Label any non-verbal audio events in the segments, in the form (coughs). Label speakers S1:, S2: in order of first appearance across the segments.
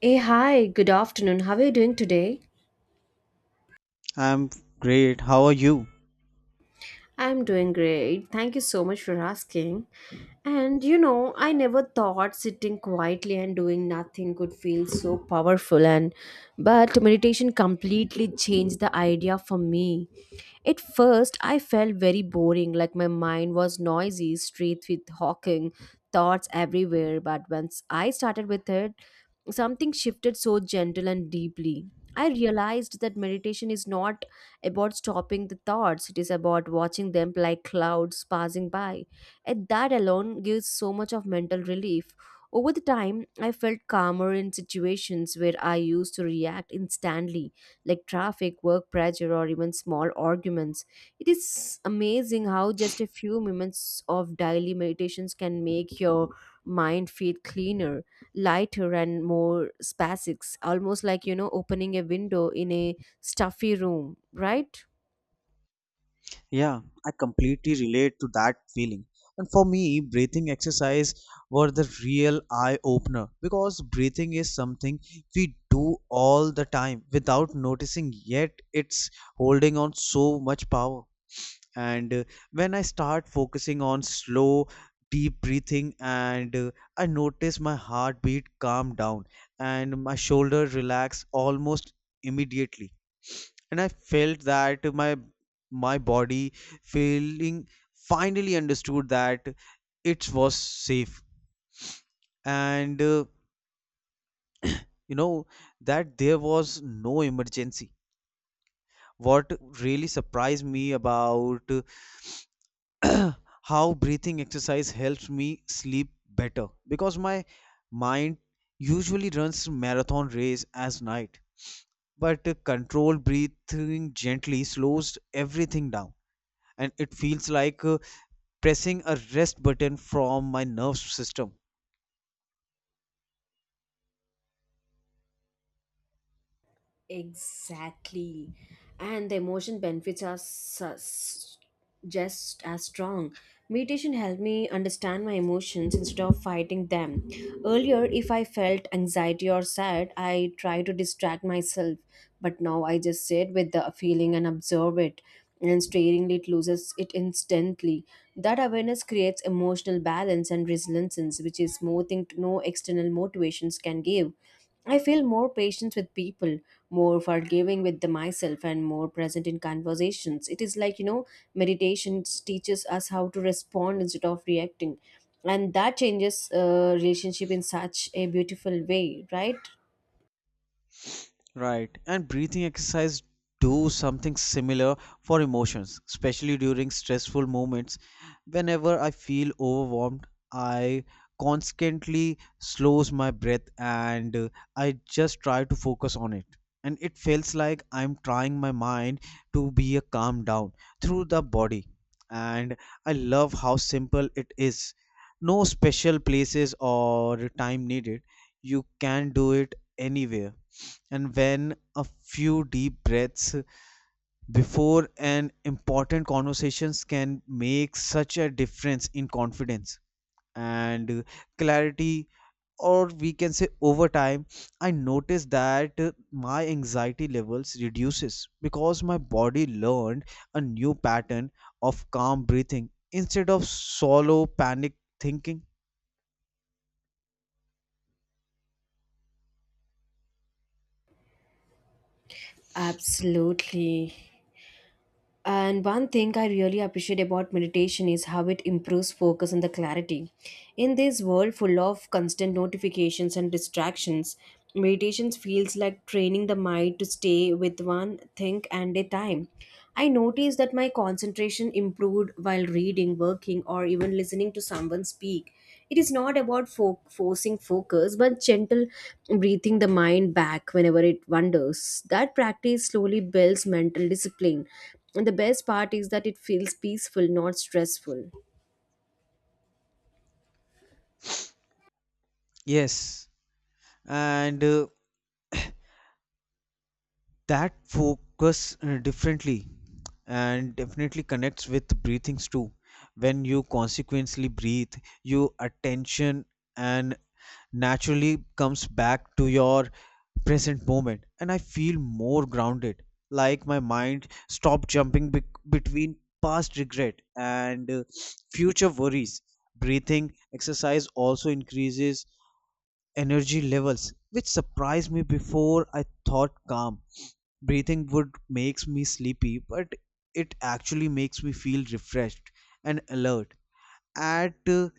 S1: Hey, hi, good afternoon. How are you doing today?
S2: I'm great. How are you?
S1: I'm doing great. Thank you so much for asking. And you know, I never thought sitting quietly and doing nothing could feel so powerful and but meditation completely changed the idea for me. At first, I felt very boring, like my mind was noisy, straight with hawking, thoughts everywhere. But once I started with it, something shifted so gentle and deeply. I realized that meditation is not about stopping the thoughts, it is about watching them like clouds passing by. And that alone gives so much of mental relief. Over the time, I felt calmer in situations where I used to react instantly, like traffic, work pressure, or even small arguments. It is amazing how just a few moments of daily meditations can make your mind feel cleaner, lighter and more spacic, almost like, you know, opening a window in a stuffy room, right?
S2: Yeah, I completely relate to that feeling. And for me, breathing exercise were the real eye opener because breathing is something we do all the time without noticing, yet it's holding on so much power. And When I start focusing on slow, deep breathing, and I notice my heartbeat calm down and my shoulder relax almost immediately, and I felt that my body feeling finally understood that it was safe, and you know that there was no emergency. What really surprised me about (clears throat) how breathing exercise helps me sleep better, because my mind usually runs marathon race as night, but controlled breathing gently slows everything down, and it feels like pressing a rest button from my nervous system.
S1: Exactly. And the emotion benefits are just as strong. Meditation helped me understand my emotions instead of fighting them. Earlier, if I felt anxiety or sad, I tried to distract myself. But now I just sit with the feeling and observe it. And staringly, it loses it instantly. That awareness creates emotional balance and resilience, which is more thing no external motivations can give. I feel more patient with people, more forgiving with the myself, and more present in conversations. It is like, you know, meditation teaches us how to respond instead of reacting. And that changes relationship in such a beautiful way, right?
S2: Right. And breathing exercise do something similar for emotions, especially during stressful moments. Whenever I feel overwhelmed, I constantly slows my breath, and I just try to focus on it. And it feels like I'm trying my mind to be a calm down through the body. And I love how simple it is. No special places or time needed. You can do it anywhere, and when a few deep breaths before an important conversations can make such a difference in confidence and clarity. Or we can say, over time I noticed that my anxiety levels reduces because my body learned a new pattern of calm breathing instead of solo panic thinking.
S1: Absolutely. And one thing I really appreciate about meditation is how it improves focus and the clarity. In this world full of constant notifications and distractions, meditation feels like training the mind to stay with one thing at a time. I noticed that my concentration improved while reading, working, or even listening to someone speak. It is not about forcing focus but gentle breathing the mind back whenever it wanders. That practice slowly builds mental discipline, and the best part is that it feels peaceful, not stressful.
S2: Yes. and That focus differently and definitely connects with breathings too. When you consequently breathe, your attention and naturally comes back to your present moment, and I feel more grounded, like my mind stopped jumping between past regret and future worries. Breathing exercise also increases energy levels, which surprised me. Before I thought calm breathing would makes me sleepy, but it actually makes me feel refreshed and alert. At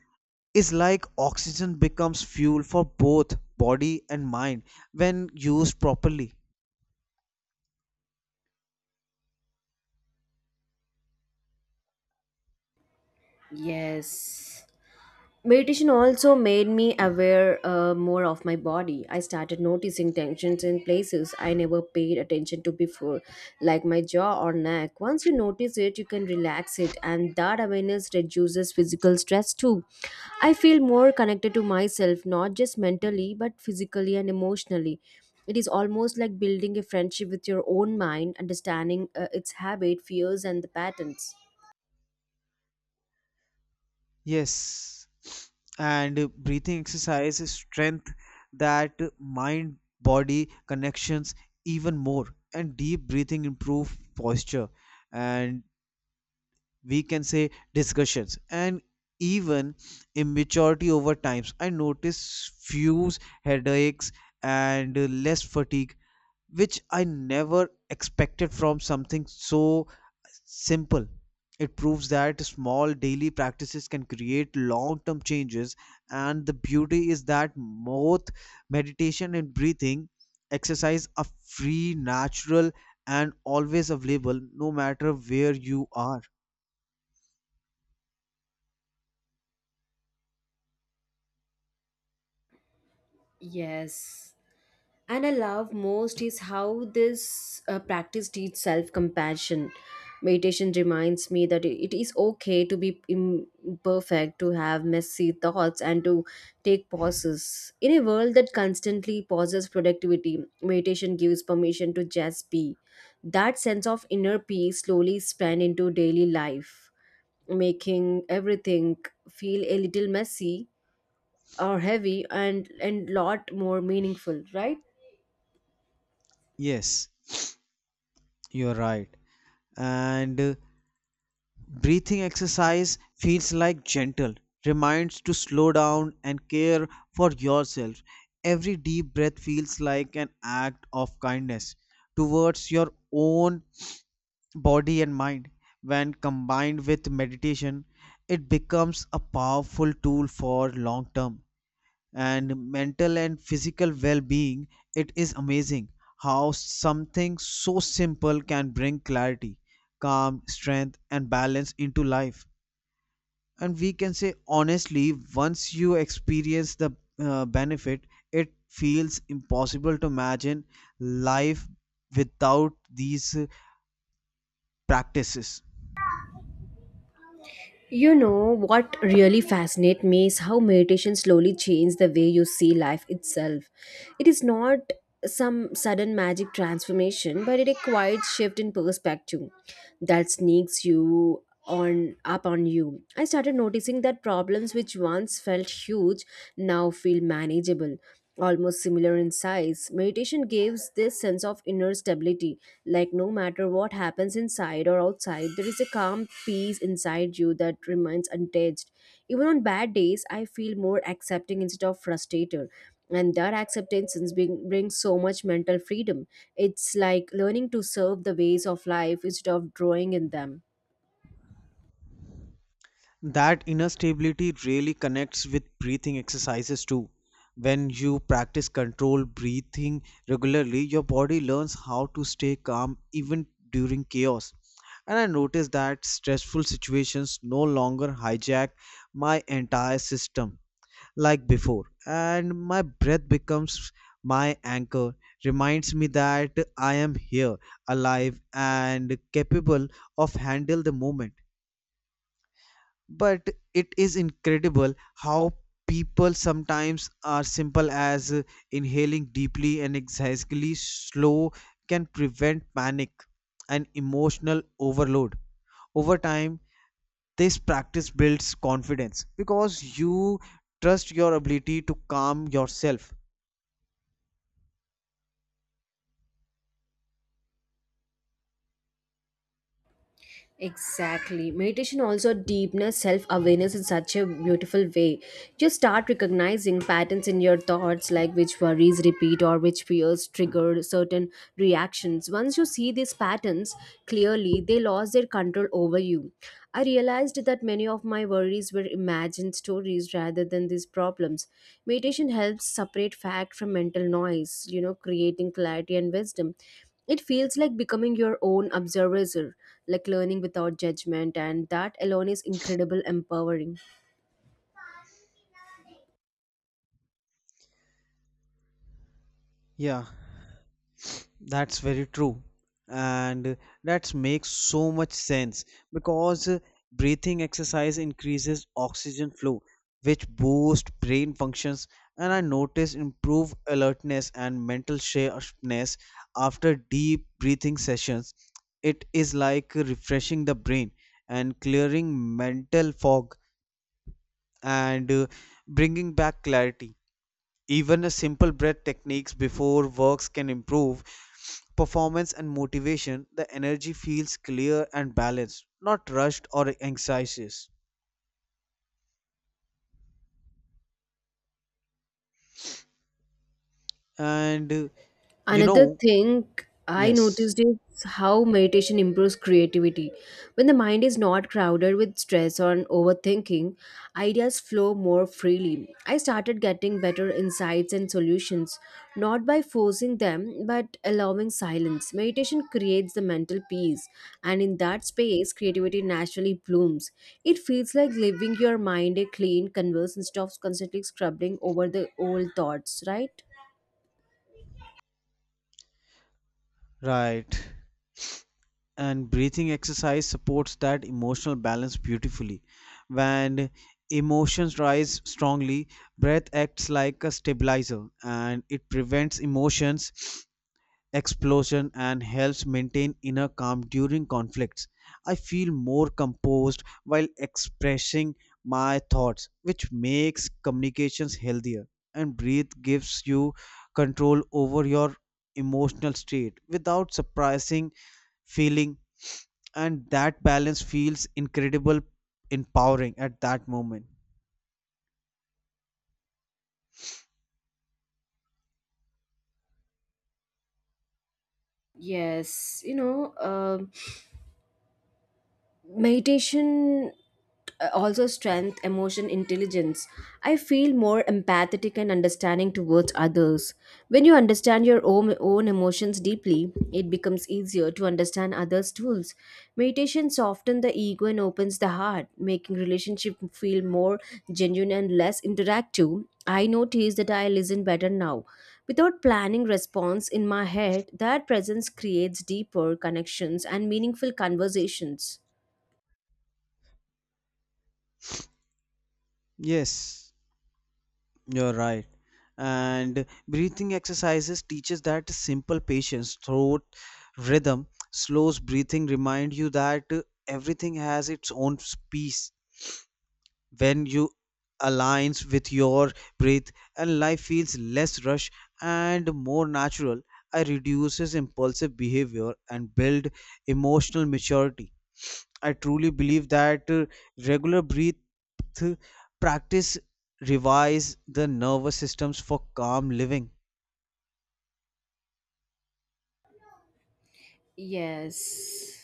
S2: Is like oxygen becomes fuel for both body and mind when used properly.
S1: Yes. Meditation also made me aware more of my body. I started noticing tensions in places I never paid attention to before, like my jaw or neck. Once you notice it, you can relax it, and that awareness reduces physical stress too. I feel more connected to myself, not just mentally, but physically and emotionally. It is almost like building a friendship with your own mind, understanding its habit, fears, and the patterns.
S2: Yes. and Breathing exercise is strength that mind body connections even more. And deep breathing improve posture and, we can say, discussions and even immaturity. Over times I notice fews headaches, and less fatigue, which I never expected from something so simple. It proves that small daily practices can create long term changes, and the beauty is that both meditation and breathing exercise are free, natural, and always available, no matter where you are.
S1: Yes. And I love most is how this practice teaches self compassion. Meditation reminds me that it is okay to be imperfect, to have messy thoughts, and to take pauses. In a world that constantly pauses productivity, meditation gives permission to just be. That sense of inner peace slowly spread into daily life, making everything feel a little messy or heavy, and lot more meaningful, right?
S2: Yes, you're right. And Breathing exercise feels like gentle, reminds to slow down and care for yourself. Every deep breath feels like an act of kindness towards your own body and mind. When combined with meditation, it becomes a powerful tool for long term and mental and physical well-being. It is amazing how something so simple can bring clarity, calm, strength, and balance into life. And we can say, honestly, once you experience the benefit, it feels impossible to imagine life without these practices.
S1: You know, what really fascinates me is how meditation slowly changes the way you see life itself. It is not some sudden magic transformation, but it a quiet shift in perspective that sneaks you on up on you. I started noticing that problems which once felt huge now feel manageable, almost similar in size. Meditation gives this sense of inner stability, like, no matter what happens inside or outside, there is a calm peace inside you that remains untouched. Even on bad days, I feel more accepting instead of frustrated. And that acceptance brings so much mental freedom. It's like learning to serve the ways of life instead of drawing in them.
S2: That inner stability really connects with breathing exercises too. When you practice controlled breathing regularly, your body learns how to stay calm even during chaos. And I notice that stressful situations no longer hijack my entire system like before. And my breath becomes my anchor, reminds me that I am here, alive, and capable of handle the moment. But it is incredible how people sometimes are simple as inhaling deeply and exhaling slow can prevent panic and emotional overload. Over time this practice builds confidence because you trust your ability to calm yourself.
S1: Exactly. Meditation also deepens self awareness in such a beautiful way. You start recognizing patterns in your thoughts, like which worries repeat or which fears trigger certain reactions. Once you see these patterns clearly, they lost their control over you. I realized that many of my worries were imagined stories rather than these problems. Meditation helps separate fact from mental noise, you know, creating clarity and wisdom. It feels like becoming your own observer, like learning without judgment, and that alone is incredible empowering.
S2: Yeah, that's very true. And that makes so much sense because breathing exercise increases oxygen flow, which boosts brain functions. And I notice improved alertness and mental sharpness after deep breathing sessions. It is like refreshing the brain and clearing mental fog and bringing back clarity. Even a simple breath techniques before works can improve performance and motivation. The energy feels clear and balanced, not rushed or anxious. And uh, you
S1: Another
S2: know,
S1: thing I
S2: yes,
S1: noticed is how meditation improves creativity. When the mind is not crowded with stress or overthinking, ideas flow more freely. I started getting better insights and solutions, not by forcing them, but allowing silence. Meditation creates the mental peace, and in that space, creativity naturally blooms. It feels like leaving your mind a clean canvas instead of constantly scrubbing over the old thoughts, right?
S2: right. And breathing exercise supports that emotional balance beautifully. When emotions rise strongly, breath acts like a stabilizer, and it prevents emotions explosion and helps maintain inner calm during conflicts. I feel more composed while expressing my thoughts, which makes communications healthier. And breathe gives you control over your emotional state without surprising feeling, and that balance feels incredible, empowering at that moment.
S1: Yes, you know, meditation also strength emotion intelligence. I feel more empathetic and understanding towards others. When you understand your own emotions deeply, it becomes easier to understand others tools. Meditation softens the ego and opens the heart, making relationship feel more genuine and less interactive. I notice that I listen better now without planning response in my head. That presence creates deeper connections and meaningful conversations.
S2: Yes. You're right. And breathing exercises teaches that simple patience, throat rhythm, slows breathing remind you that everything has its own peace when you aligns with your breath, and life feels less rush and more natural. I reduces impulsive behavior and build emotional maturity. I truly believe that regular breath practice revives the nervous systems for calm living.
S1: Yes.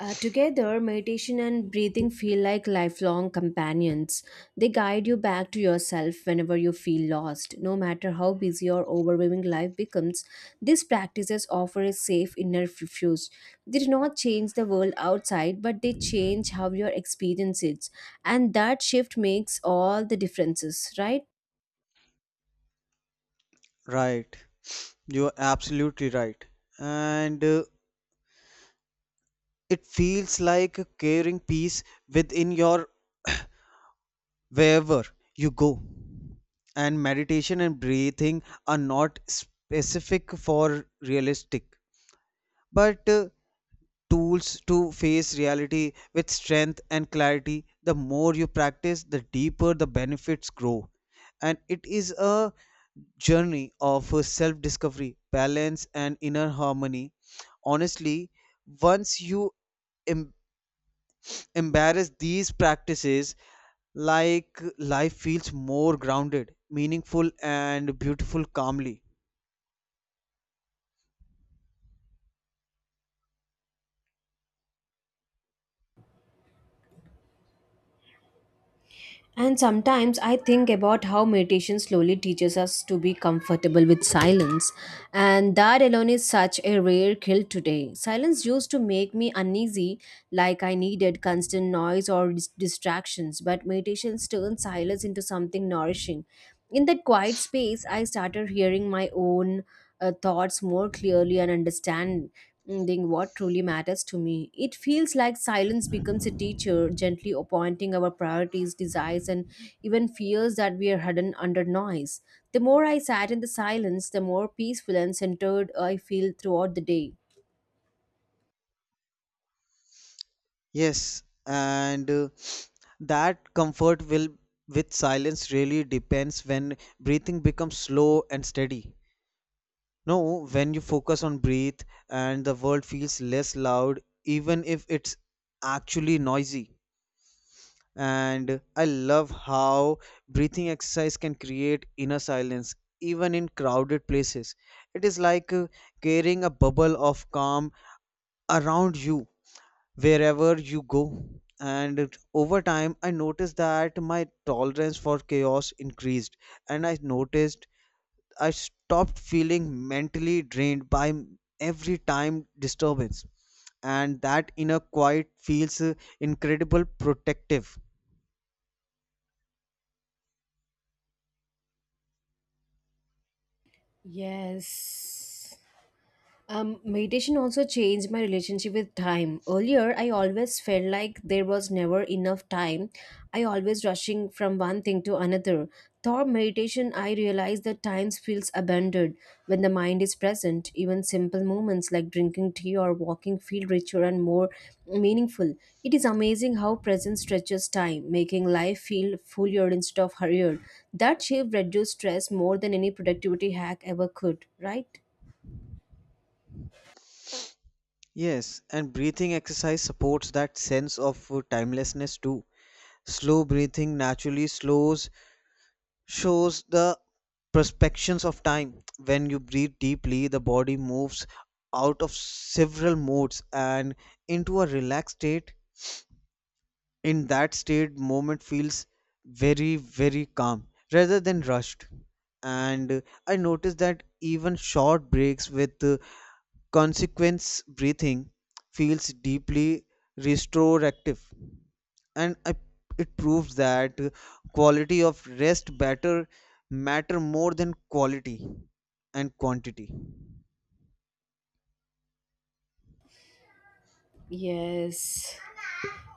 S1: Together, meditation and breathing feel like lifelong companions. They guide you back to yourself whenever you feel lost. No matter how busy or overwhelming life becomes, these practices offer a safe inner refuge. They do not change the world outside, but they change how your experience is. And that shift makes all the differences, right?
S2: Right. You're absolutely right. And It feels like carrying peace within your wherever you go. And meditation and breathing are not specific for realistic, but tools to face reality with strength and clarity. The more you practice, the deeper the benefits grow. And it is a journey of self discovery, balance, and inner harmony. Honestly, once you em- embrace these practices, like life feels more grounded, meaningful, and beautiful calmly.
S1: And sometimes I think about how meditation slowly teaches us to be comfortable with silence. And that alone is such a rare skill today. Silence used to make me uneasy, like I needed constant noise or distractions, but meditation turns silence into something nourishing. In that quiet space, I started hearing my own thoughts more clearly and understand. Ending what truly matters to me. It feels like silence becomes a teacher, gently appointing our priorities, desires, and even fears that we are hidden under noise. The more I sat in the silence, the more peaceful and centered I feel throughout the day.
S2: Yes, and that comfort will with silence really depends when breathing becomes slow and steady. No, when you focus on breathe, and the world feels less loud, even if it's actually noisy. And I love how breathing exercise can create inner silence even in crowded places. It is like creating a bubble of calm around you wherever you go. And over time, I noticed that my tolerance for chaos increased, and I noticed I stopped feeling mentally drained by every time disturbance. And that inner quiet feels incredible protective.
S1: Yes. Meditation also changed my relationship with time. Earlier, I always felt like there was never enough time. I always rushing from one thing to another. Through meditation, I realized that time feels abundant when the mind is present. Even simple moments like drinking tea or walking feel richer and more meaningful. It is amazing how presence stretches time, making life feel fuller instead of hurried. That shift reduced stress more than any productivity hack ever could. Right?
S2: Yes, and breathing exercise supports that sense of timelessness too. Slow breathing naturally slows shows the perspectives of time. When you breathe deeply, the body moves out of several modes and into a relaxed state. In that state, moment feels very, very calm rather than rushed. And I noticed that even short breaks with consequence breathing feels deeply restorative, and I, it proves that quality of rest better matter more than quality and quantity.
S1: Yes.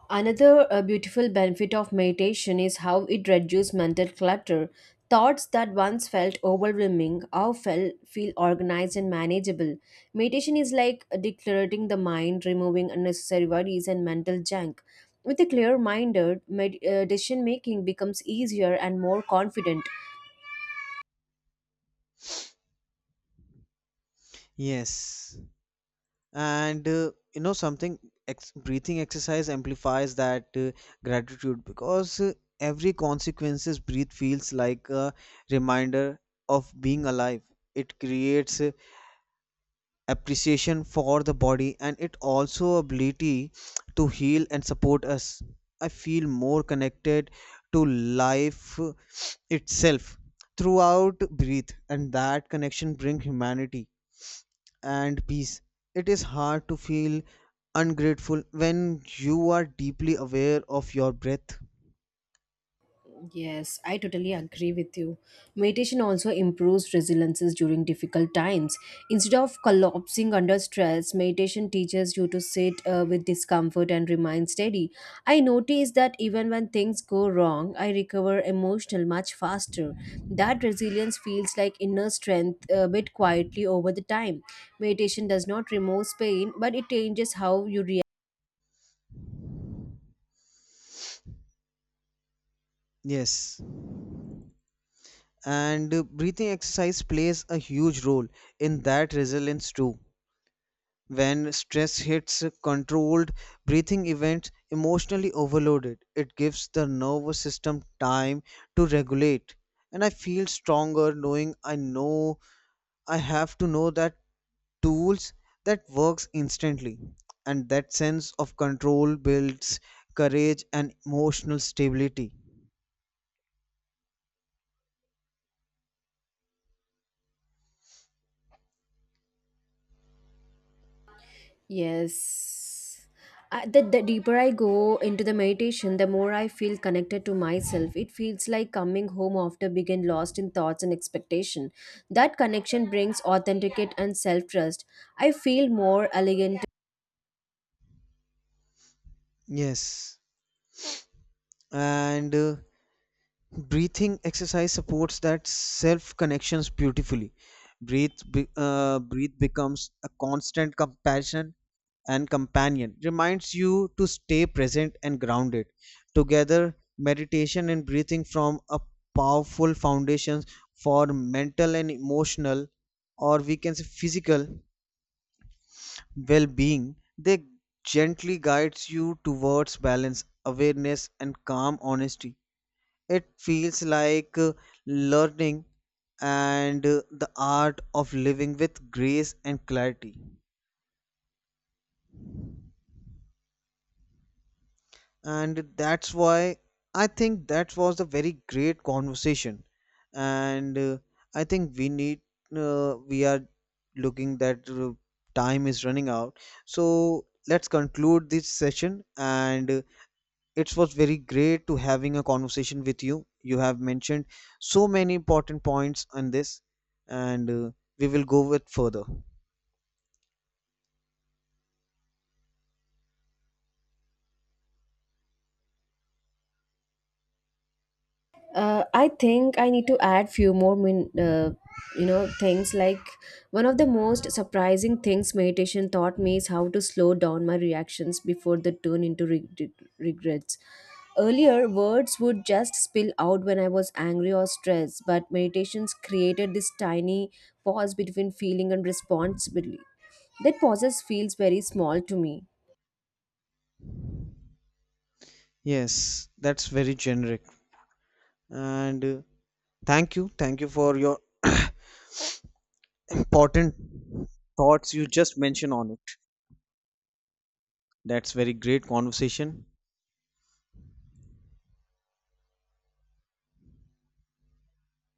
S1: Another beautiful benefit of meditation is how it reduces mental clutter. Thoughts that once felt overwhelming now feel organized and manageable. Meditation is like decluttering the mind, removing unnecessary worries and mental junk. With a clear minded, decision making becomes easier and more confident.
S2: Yes. and you know something breathing exercise amplifies that gratitude because every consequences breath feels like a reminder of being alive. It creates appreciation for the body and it also ability to heal and support us. I feel more connected to life itself throughout breathe, and that connection bring humanity and peace. It is hard to feel ungrateful when you are deeply aware of your breath.
S1: Yes, I totally agree with you. Meditation also improves resiliences during difficult times. Instead of collapsing under stress, meditation teaches you to sit with discomfort and remain steady. I notice that even when things go wrong, I recover emotional much faster. That resilience feels like inner strength a bit quietly over the time. Meditation does not remove pain, but it changes how you react.
S2: Yes. And breathing exercise plays a huge role in that resilience too. When stress hits, controlled breathing events emotionally overloaded, it gives the nervous system time to regulate. And I feel stronger knowing I know I have to know that tools that works instantly, and that sense of control builds courage and emotional stability.
S1: Yes. The deeper I go into the meditation, the more I feel connected to myself. It feels like coming home after being lost in thoughts and expectation. That connection brings authenticate and self trust. I feel more elegant,
S2: Yes. and Breathing exercise supports that self connections beautifully. Breathe breathe becomes a constant compassion and companion, reminds you to stay present and grounded. Together, meditation and breathing form a powerful foundations for mental and emotional, or we can say physical, well-being. They gently guides you towards balance, awareness, and calm honesty. It feels like learning and the art of living with grace and clarity. And that's why I think that was a very great conversation. And I think we need, we are looking that time is running out. So let's conclude this session, and it was very great to having a conversation with you. You have mentioned so many important points on this, and we will go with further.
S1: I think I need to add few more you know things like one of the most surprising things meditation taught me is how to slow down my reactions before they turn into regrets. Earlier, words would just spill out when I was angry or stressed, but meditations created this tiny pause between feeling and responsibility. That pause feels very small to me
S2: Yes, that's very generic. And Thank you for your (coughs) (clears throat) important thoughts you just mentioned on it. That's very great conversation.